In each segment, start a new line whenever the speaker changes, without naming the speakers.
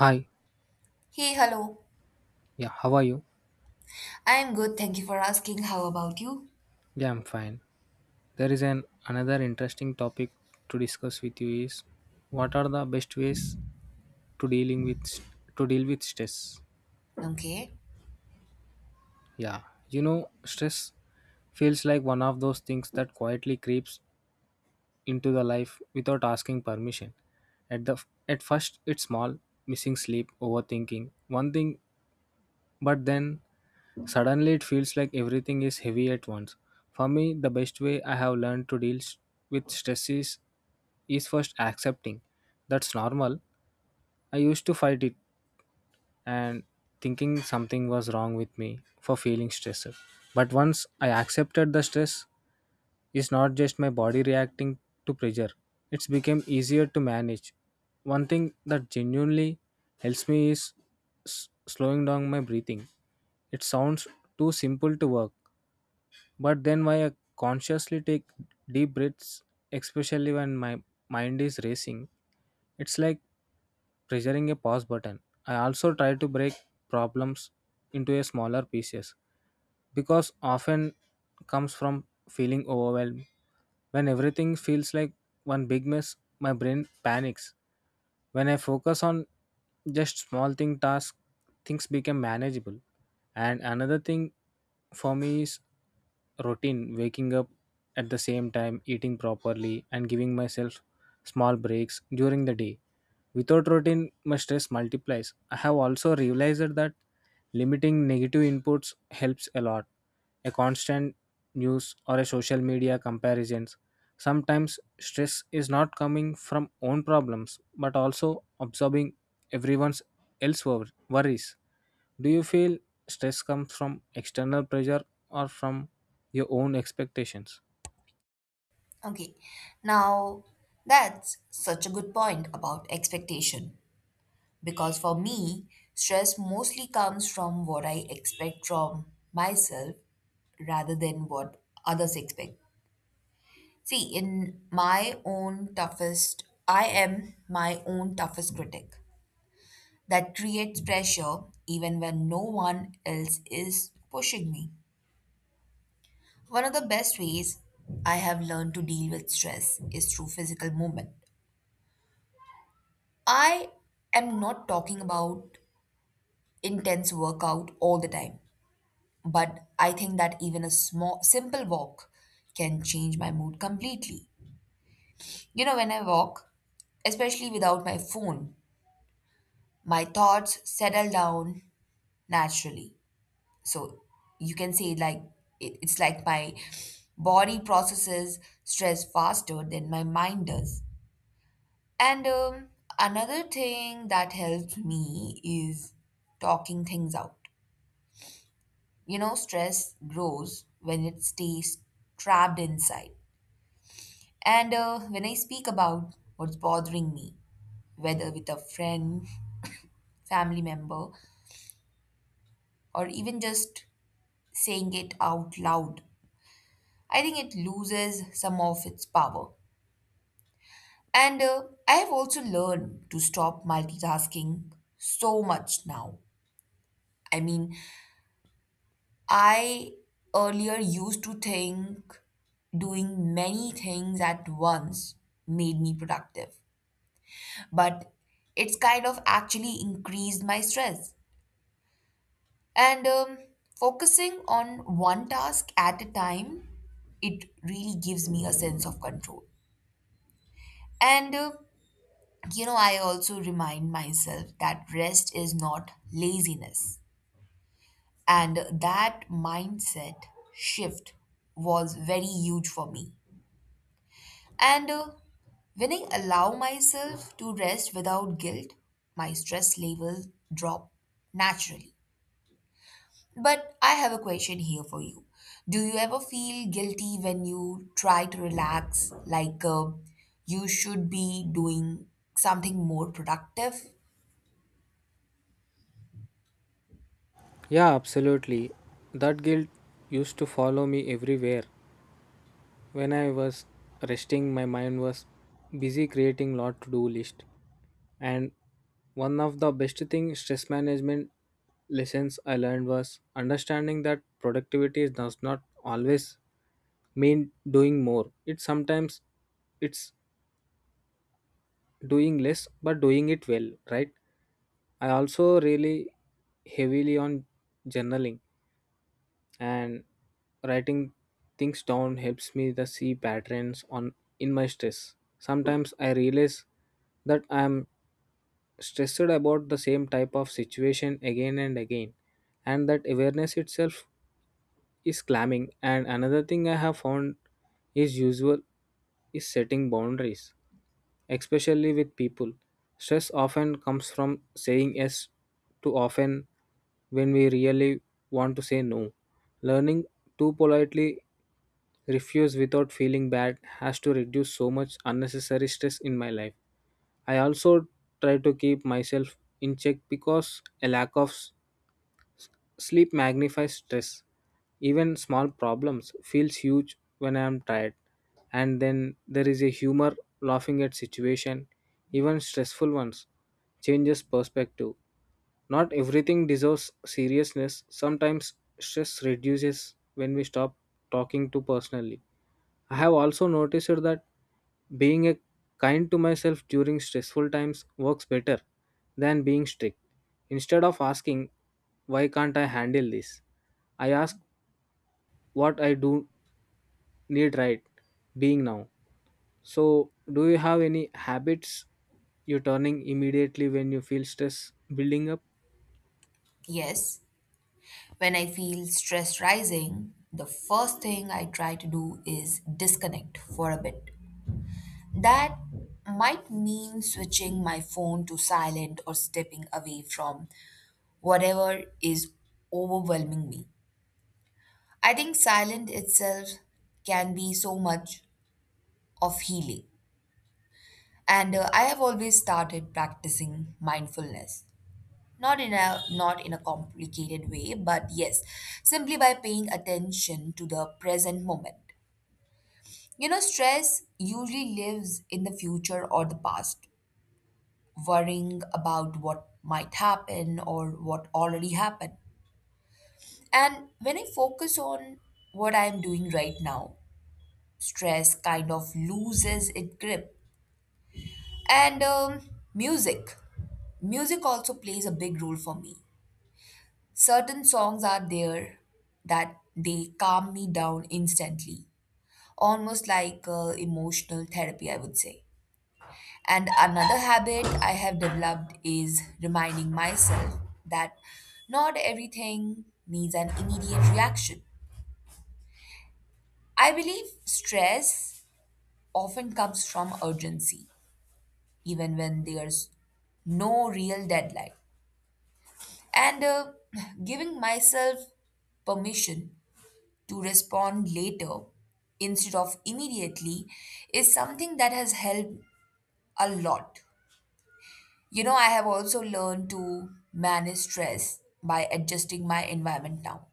Hi,
Hey, hello.
yeah, how are you?
I'm good. Thank you for asking. How about you?
Yeah, I'm fine. There is an another interesting topic to discuss with you is what are the best ways to dealing with to deal with stress?
Okay.
Yeah, you know, stress feels like one of those things that quietly creeps into the life without asking permission. At the at first, it's small, missing sleep, overthinking, one thing, but then suddenly, it feels like everything is heavy at once. For me, the best way I have learned with stress is first accepting that's normal. I used to fight it and thinking something was wrong with me for feeling stressed. But once I accepted the stress is not just my body reacting to pressure, it's became easier to manage. One thing that genuinely helps me is slowing down my breathing. It sounds too simple to work, but then why I consciously take deep breaths, especially when my mind is racing. It's like pressuring a pause button. I also try to break problems into a smaller pieces because often comes from feeling overwhelmed. When everything feels like one big mess, my brain panics when I focus on just small thing tasks, things become manageable. And another thing for me is routine, waking up at the same time, eating properly, and giving myself small breaks during the day. Without routine, my stress multiplies. I have also realized that limiting negative inputs helps a lot a constant news or a social media comparisons sometimes stress is not coming from own problems but also absorbing everyone's else worries. Do you feel stress comes from external pressure or from your own expectations?
Okay. Now, that's such a good point about expectation because for me, stress mostly comes from what I expect from myself rather than what others expect. See, in my own toughest, I am my own toughest critic. That creates pressure even when no one else is pushing me. One of the best ways I have learned to deal with stress is through physical movement. I am not talking about intense workout all the time, but I think that even a small simple walk can change my mood completely. You know, when I walk, especially without my phone, my thoughts settle down naturally. So you can say like it's like my body processes stress faster than my mind does. And another thing that helps me is talking things out. You know, stress grows when it stays trapped inside. And when I speak about what's bothering me, whether with a friend, family member, or even just saying it out loud, I think it loses some of its power. And I have also learned to stop multitasking so much now. I mean, I earlier used to think doing many things at once made me productive, but it's kind of actually increased my stress. And focusing on one task at a time, it really gives me a sense of control. And you know, I also remind myself that rest is not laziness. And that mindset shift was very huge for me. And when I allow myself to rest without guilt, my stress level drop naturally. But I have a question here for you. Do you ever feel guilty when you try to relax, like you should be doing something more productive?
Yeah, absolutely, that guilt used to follow me everywhere. When I was resting, my mind was busy creating lot to do list. And one of the best thing stress management lessons I learned was understanding that productivity does not always mean doing more. It sometimes it's doing less but doing it well, right? I also really heavily on journaling and writing things down helps me the see patterns on in my stress. Sometimes I realize that I am stressed about the same type of situation again and again, and that awareness itself is calming. And another thing I have found is usual is setting boundaries, especially with people. Stress often comes from saying yes too often when we really want to say no. Learning to politely refuse without feeling bad has to reduce so much unnecessary stress in my life. I also try to keep myself in check because a lack of sleep magnifies stress. Even small problems feels huge when I am tired. And then there is a humor, laughing at situation, even stressful ones, changes perspective. Not everything deserves seriousness. Sometimes stress reduces when we stop talking to personally. I have also noticed that being a kind to myself during stressful times works better than being strict. Instead of asking, why can't I handle this? I ask what I do need right being now. So, do you have any habits you're turning immediately when you feel stress building up?
Yes. When I feel stress rising, the first thing I try to do is disconnect for a bit. That might mean switching my phone to silent or stepping away from whatever is overwhelming me. I think silent itself can be so much of healing. And I have always started practicing mindfulness. Not in a complicated way, but yes, simply by paying attention to the present moment. You know, stress usually lives in the future or the past, worrying about what might happen or what already happened. And when I focus on what I'm doing right now, stress kind of loses its grip. And music. Music also plays a big role for me. Certain songs are there that they calm me down instantly, almost like emotional therapy, I would say. And another habit I have developed is reminding myself that not everything needs an immediate reaction. I believe stress often comes from urgency, even when there's no real deadline. And giving myself permission to respond later instead of immediately is something that has helped a lot. You know, I have also learned to manage stress by adjusting my environment now.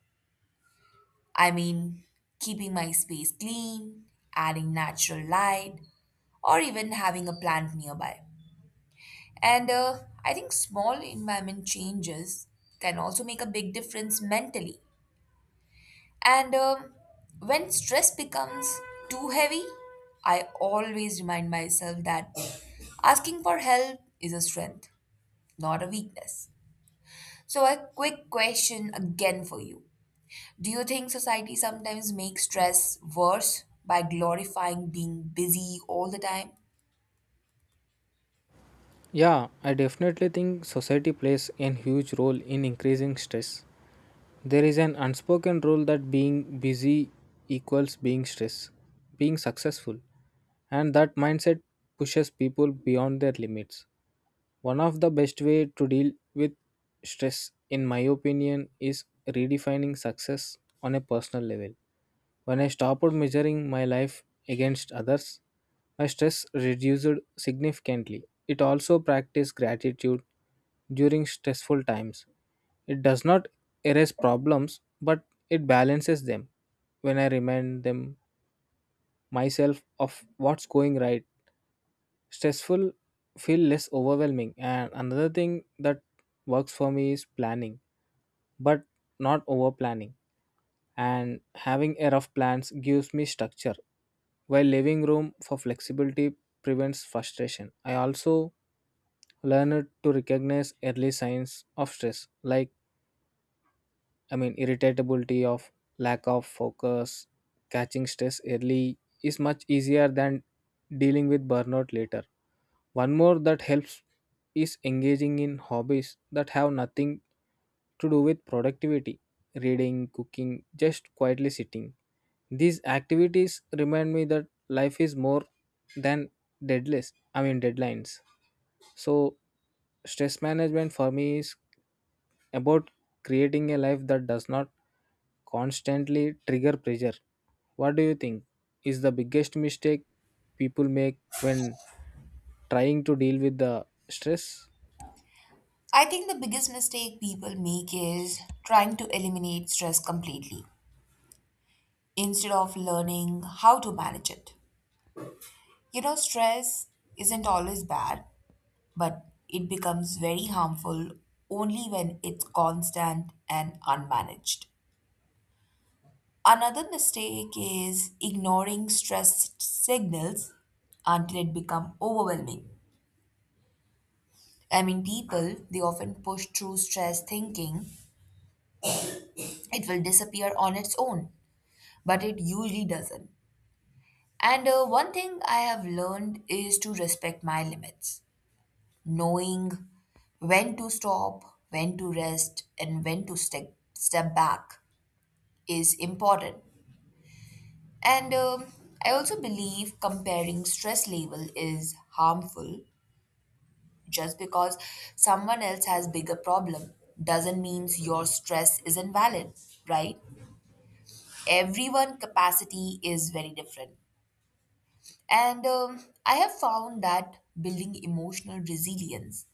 I mean, keeping my space clean, adding natural light, or even having a plant nearby. And I think small environment changes can also make a big difference mentally. And when stress becomes too heavy, I always remind myself that asking for help is a strength, not a weakness. So, a quick question again for you. Do you think society sometimes makes stress worse by glorifying being busy all the time?
Yeah, I definitely think society plays a huge role in increasing stress. There is an unspoken rule that being busy equals being stressed, being successful, and that mindset pushes people beyond their limits. One of the best way to deal with stress in my opinion is redefining success on a personal level. When I stopped measuring my life against others, my stress reduced significantly. It also practiced gratitude during stressful times. It does not erase problems, but it balances them. When I remind them myself of what's going right, stressful feel less overwhelming. And another thing that works for me is planning, but not over planning, and having a rough plans gives me structure while leaving room for flexibility prevents frustration. I also learned to recognize early signs of stress like, I mean, irritability of lack of focus. Catching stress early is much easier than dealing with burnout later. One more that helps is engaging in hobbies that have nothing to do with productivity, reading, cooking, just quietly sitting. These activities remind me that life is more than deadless, I mean deadlines. So, stress management for me is about creating a life that does not constantly trigger pressure. What do you think is the biggest mistake people make when trying to deal with the stress?
I think the biggest mistake people make is trying to eliminate stress completely instead of learning how to manage it. You know, stress isn't always bad, but it becomes very harmful only when it's constant and unmanaged. Another mistake is ignoring stress signals until it becomes overwhelming. I mean, people, they often push through stress thinking it will disappear on its own, but it usually doesn't. And one thing I have learned is to respect my limits, knowing when to stop, when to rest, and when to step back is important. And I also believe comparing stress level is harmful. Just because someone else has bigger problem doesn't means your stress is invalid, right? Everyone capacity is very different. And I have found that building emotional resilience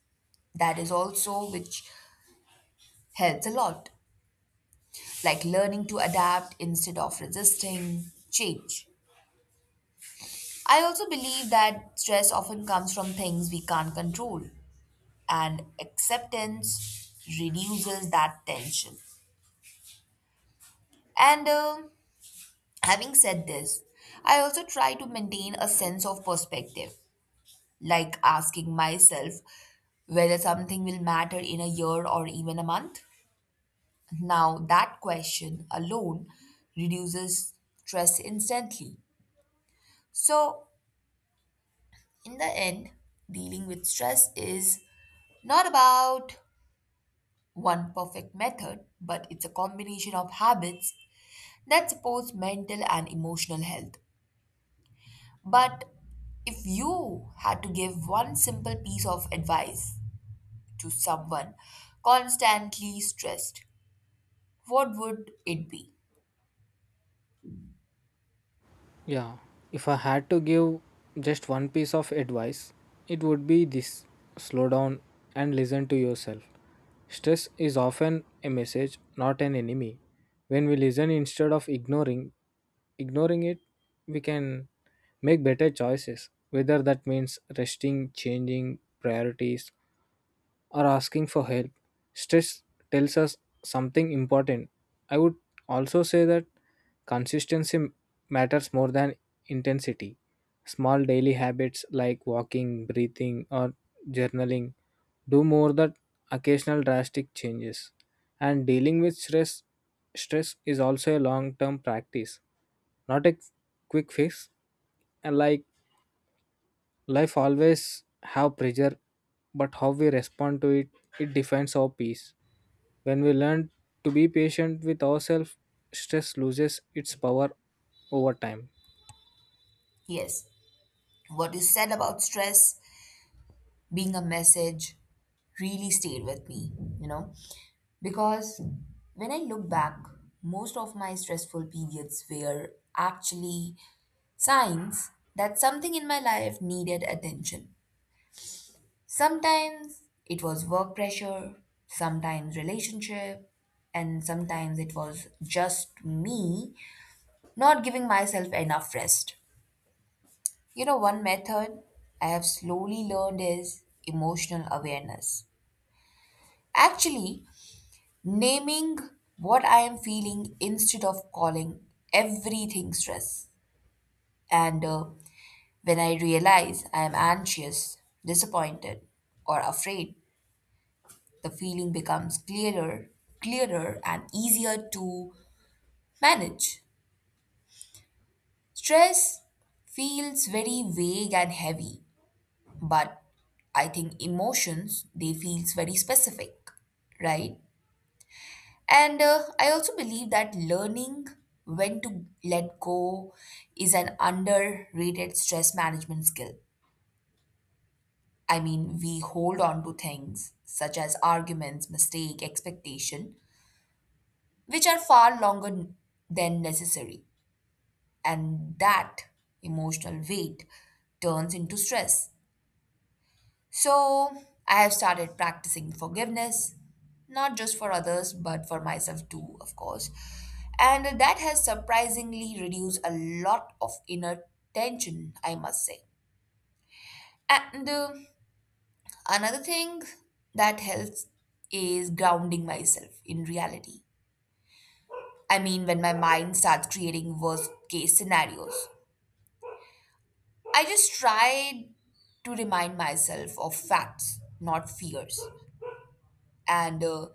that is also which helps a lot, like learning to adapt instead of resisting change. I also believe that stress often comes from things we can't control, and acceptance reduces that tension. And having said this, I also try to maintain a sense of perspective, like asking myself whether something will matter in a year or even a month. Now, that question alone reduces stress instantly. So, in the end, dealing with stress is not about one perfect method, but it's a combination of habits that supports mental and emotional health. But if you had to give one simple piece of advice to someone constantly stressed, what would it be?
Yeah, if I had to give just one piece of advice, it would be this: slow down and listen to yourself. Stress is often a message, not an enemy. When we listen instead of ignoring it, we can make better choices, whether that means resting, changing priorities, or asking for help, stress tells us something important. I would also say that consistency matters more than intensity. Small daily habits like walking, breathing, or journaling do more than occasional drastic changes. And dealing with stress, is also a long term practice, not a quick fix. And like life always have pressure, but how we respond to it, it defines our peace. When we learn to be patient with ourselves, stress loses its power over time.
Yes, what you said about stress being a message really stayed with me, you know, because when I look back, most of my stressful periods were actually signs that something in my life needed attention. Sometimes it was work pressure, sometimes relationship, and sometimes it was just me not giving myself enough rest. You know, one method I have slowly learned is emotional awareness. Actually, naming what I am feeling instead of calling everything stress. And when I realize I am anxious, disappointed, or afraid, the feeling becomes clearer, and easier to manage. Stress feels very vague and heavy, but I think emotions they feels very specific, right? And I also believe that learning when to let go is an underrated stress management skill. I mean, we hold on to things such as arguments, mistake, expectation, which are far longer than necessary. And that emotional weight turns into stress. So, I have started practicing forgiveness, not just for others, but for myself too, of course. And that has surprisingly reduced a lot of inner tension, I must say. And another thing that helps is grounding myself in reality. I mean, when my mind starts creating worst case scenarios, I just try to remind myself of facts, not fears. And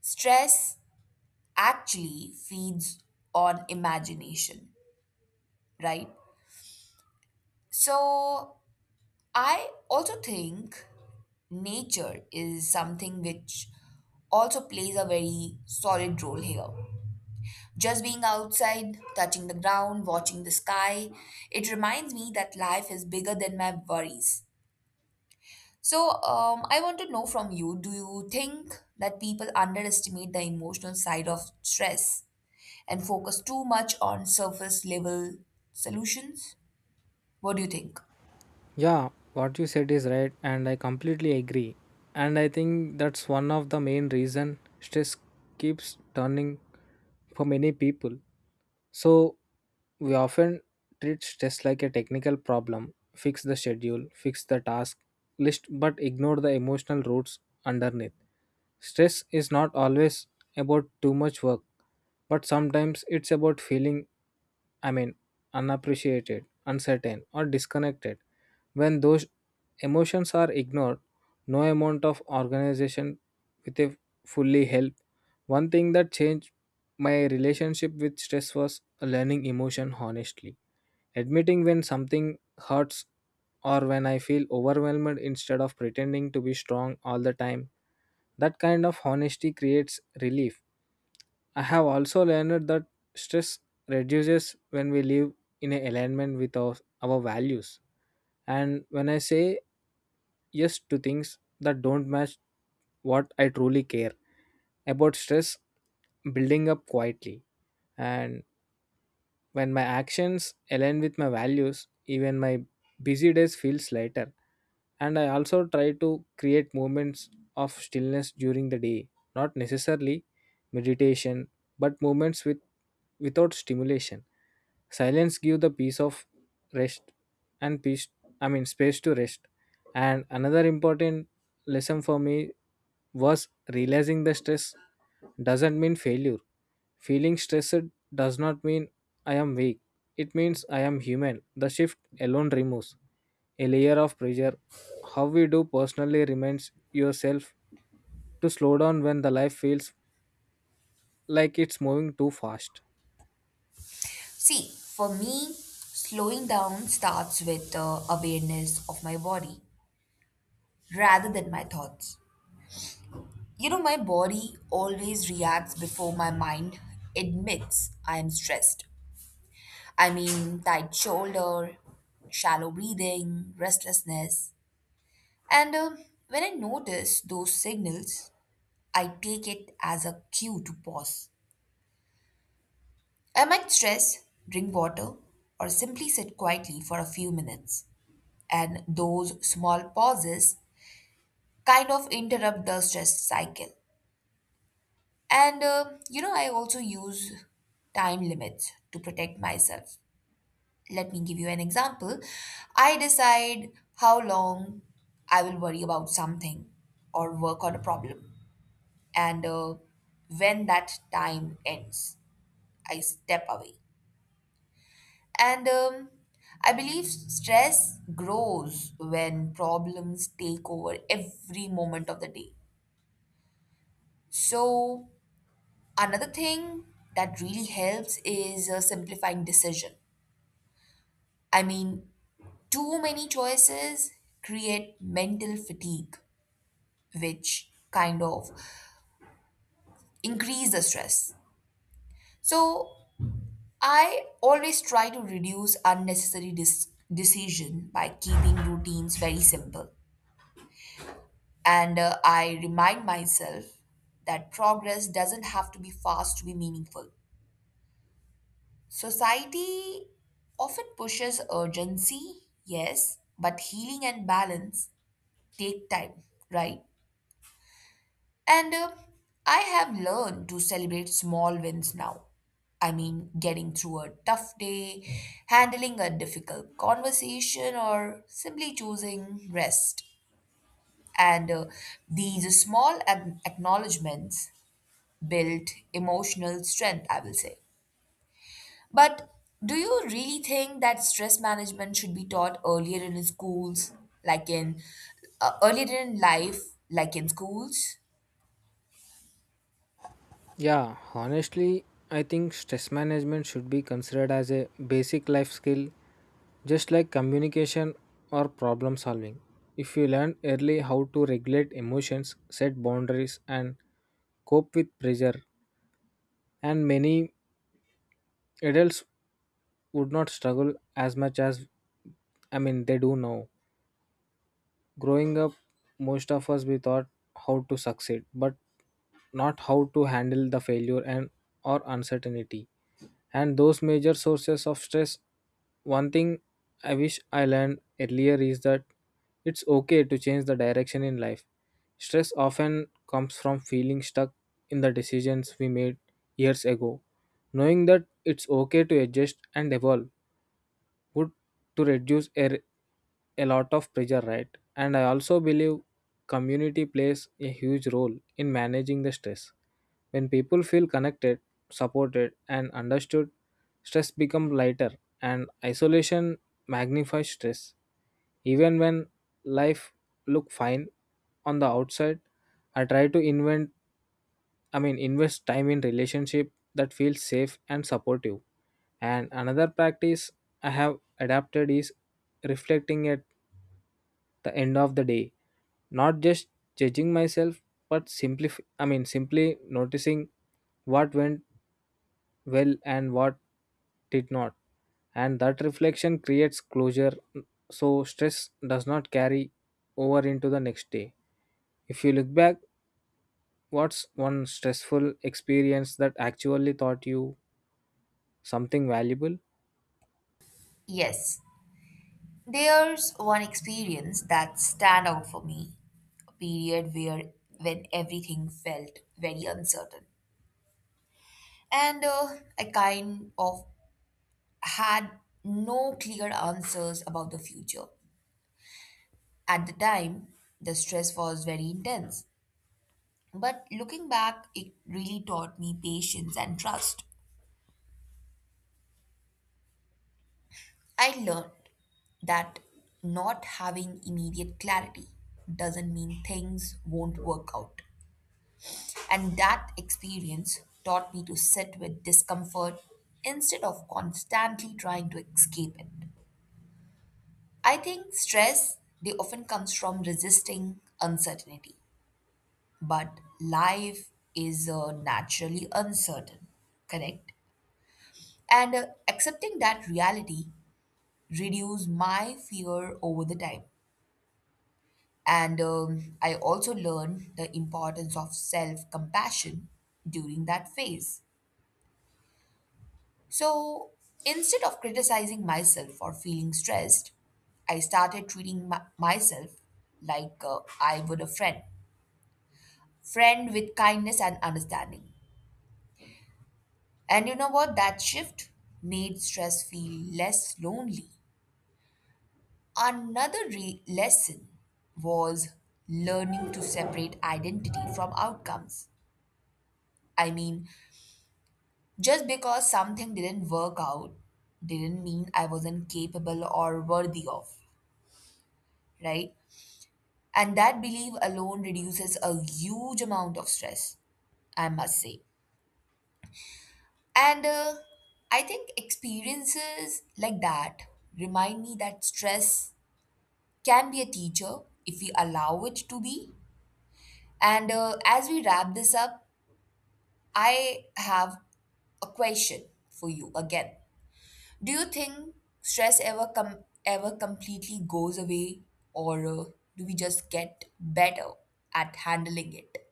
stress actually feeds on imagination, right? So I also think nature is something which also plays a very solid role here. Just being outside, touching the ground, watching the sky, it reminds me that life is bigger than my worries. So, I want to know from you, do you think that people underestimate the emotional side of stress and focus too much on surface level solutions? What do you think?
Yeah, what you said is right and I completely agree. And I think that's one of the main reason stress keeps turning for many people. So we often treat stress like a technical problem, fix the schedule, fix the task list, but ignore the emotional roots underneath. Stress is not always about too much work, but sometimes it's about feeling, I mean, unappreciated, uncertain, or disconnected. When those emotions are ignored, no amount of organization with a fully help. One thing that changed my relationship with stress was learning emotion honestly. Admitting when something hurts or when I feel overwhelmed instead of pretending to be strong all the time. That kind of honesty creates relief. I have also learned that stress reduces when we live in alignment with our values. And when I say yes to things that don't match what I truly care about, stress building up quietly. And when my actions align with my values, even my busy days feels lighter. And I also try to create moments of stillness during the day, not necessarily meditation, but moments with without stimulation. Silence give the peace of rest and peace, I mean space to rest. And another important lesson for me was realizing the stress doesn't mean failure. Feeling stressed does not mean I am weak. It means I am human. The shift alone removes a layer of pressure. How we do personally reminds yourself to slow down when the life feels like it's moving too fast.
See, for me, slowing down starts with awareness of my body rather than my thoughts. You know, my body always reacts before my mind admits I am stressed. I mean, tight shoulder, shallow breathing, restlessness. And when I notice those signals, I take it as a cue to pause. I might stress, drink water, or simply sit quietly for a few minutes. And those small pauses kind of interrupt the stress cycle. And you know, I also use time limits to protect myself. Let me give you an example. I decide how long I will worry about something or work on a problem, and when that time ends, I step away. And I believe stress grows when problems take over every moment of the day. So, another thing that really helps is simplifying decision. I mean, too many choices create mental fatigue, which kind of increase the stress. So, I always try to reduce unnecessary decision by keeping routines very simple. And I remind myself that progress doesn't have to be fast to be meaningful. Society often pushes urgency, yes, but healing and balance take time, right? And I have learned to celebrate small wins now. I mean, getting through a tough day, handling a difficult conversation, or simply choosing rest. And these small acknowledgements build emotional strength, I will say. But do you really think that stress management should be taught earlier in schools, like in earlier in life, like in schools?
Yeah, honestly, I think stress management should be considered as a basic life skill, just like communication or problem solving. If you learn early how to regulate emotions, set boundaries, and cope with pressure, and many adults would not struggle as much as, I mean, they do now. Growing up, most of us we thought how to succeed, but not how to handle the failure and or uncertainty. And those major sources of stress. One thing I wish I learned earlier is that it's okay to change the direction in life. Stress often comes from feeling stuck in the decisions we made years ago. Knowing that it's okay to adjust and evolve good to reduce a lot of pressure, right? And I also believe community plays a huge role in managing the stress. When people feel connected, supported and understood, stress becomes lighter, and isolation magnifies stress even when life look fine on the outside. I try to invent, I mean, invest time in relationship that feels safe and supportive. And another practice I have adapted is reflecting at the end of the day, not just judging myself, but simply, I mean, simply noticing what went well and what did not. And that reflection creates closure so stress does not carry over into the next day. If you look back, what's one stressful experience that actually taught you something valuable?
Yes, there's one experience that stand out for me, a period where when everything felt very uncertain. And I kind of had no clear answers about the future. At the time, the stress was very intense. But looking back, it really taught me patience and trust. I learned that not having immediate clarity doesn't mean things won't work out. And that experience taught me to sit with discomfort instead of constantly trying to escape it. I think stress, they often comes from resisting uncertainty, but life is naturally uncertain, correct? And accepting that reality reduced my fear over the time. And I also learned the importance of self compassion during that phase. So instead of criticizing myself for feeling stressed, I started treating myself like I would a friend, with kindness and understanding. And you know what? That shift made stress feel less lonely. Another lesson was learning to separate identity from outcomes. I mean, just because something didn't work out didn't mean I wasn't capable or worthy of, right? And that belief alone reduces a huge amount of stress, I must say. And I think experiences like that remind me that stress can be a teacher if we allow it to be. And as we wrap this up, I have a question for you again. Do you think stress ever ever completely goes away, or do we just get better at handling it?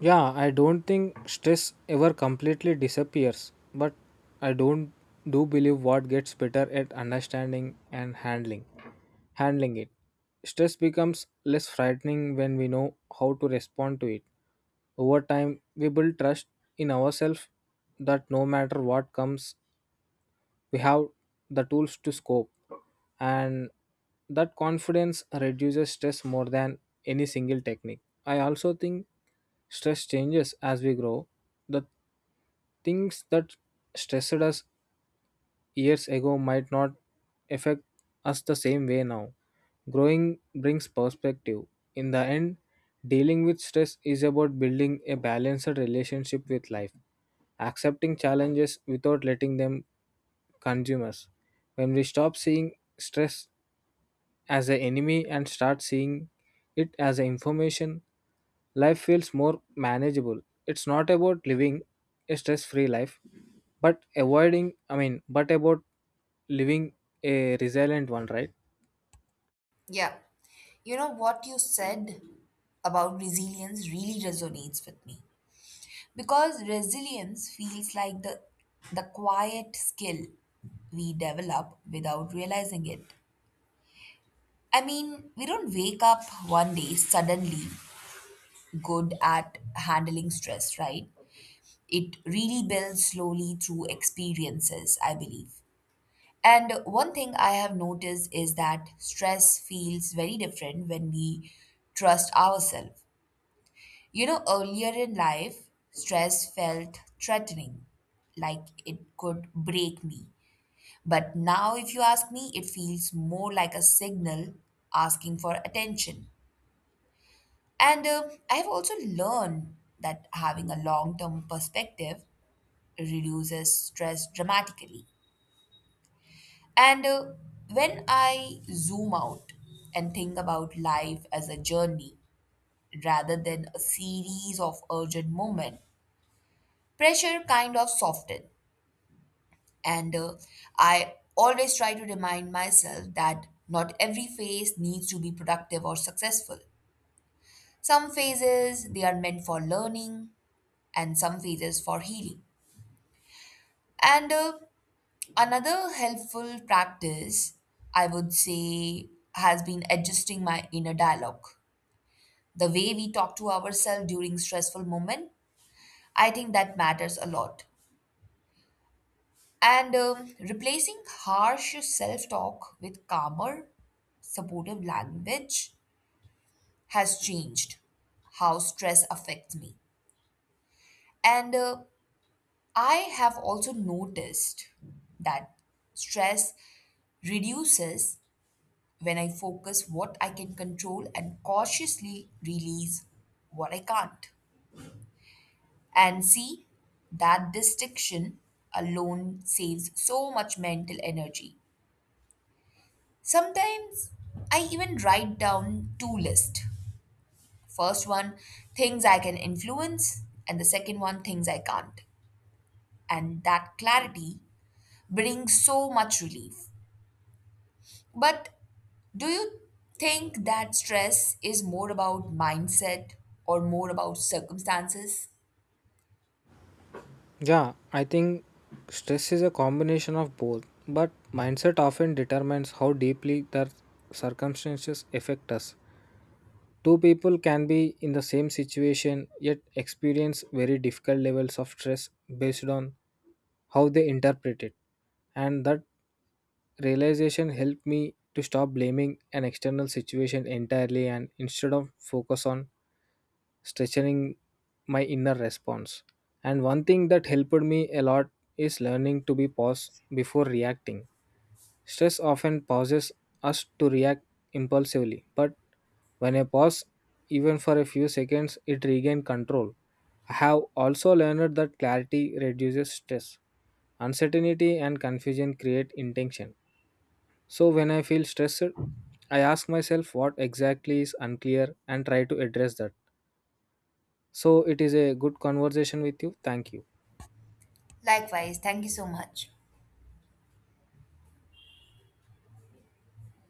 Yeah, I don't think stress ever completely disappears, but I don't do believe what gets better at understanding and handling it. Stress becomes less frightening when we know how to respond to it. Over time, we build trust in ourselves that no matter what comes, we have the tools to scope, and that confidence reduces stress more than any single technique. I also think stress changes as we grow. The things that stressed us years ago might not affect us the same way now. Growing brings perspective. In the end, dealing with stress is about building a balanced relationship with life, accepting challenges without letting them consume us. When we stop seeing stress as an enemy and start seeing it as an information, life feels more manageable. It's not about living a stress free life, but avoiding, I mean, but about living a resilient one, right?
Yeah. You know what you said about resilience really resonates with me because resilience feels like the quiet skill we develop without realizing it. I mean, we don't wake up one day suddenly good at handling stress, right? It really builds slowly through experiences, I believe. And one thing I have noticed is that stress feels very different when we trust ourselves. You know, earlier in life, stress felt threatening, like it could break me. But now, if you ask me, it feels more like a signal asking for attention. And I have also learned that having a long term perspective reduces stress dramatically. And when I zoom out and think about life as a journey rather than a series of urgent moments, pressure kind of softens. And I always try to remind myself that not every phase needs to be productive or successful. Some phases, they are meant for learning, and some phases for healing. And another helpful practice, I would say, has been adjusting my inner dialogue. The way we talk to ourselves during stressful moment, I think that matters a lot. And replacing harsh self talk with calmer, supportive language has changed how stress affects me. And I have also noticed that stress reduces when I focus what I can control and cautiously release what I can't. And see, that distinction alone saves so much mental energy. Sometimes I even write down two lists. First one, things I can influence, and the second one, things I can't. And that clarity brings so much relief. But do you think that stress is more about mindset or more about circumstances?
Yeah, I think stress is a combination of both, but mindset often determines how deeply their circumstances affect us. Two people can be in the same situation yet experience very difficult levels of stress based on how they interpret it. And that realization helped me to stop blaming an external situation entirely and instead of focus on strengthening my inner response. And one thing that helped me a lot is learning to be pause before reacting. Stress often pauses us to react impulsively, but when I pause even for a few seconds, it regains control. I have also learned that clarity reduces stress. Uncertainty and confusion create intention. So when I feel stressed, I ask myself what exactly is unclear and try to address that. So it is a good conversation with you. Thank you.
Likewise, thank you so much.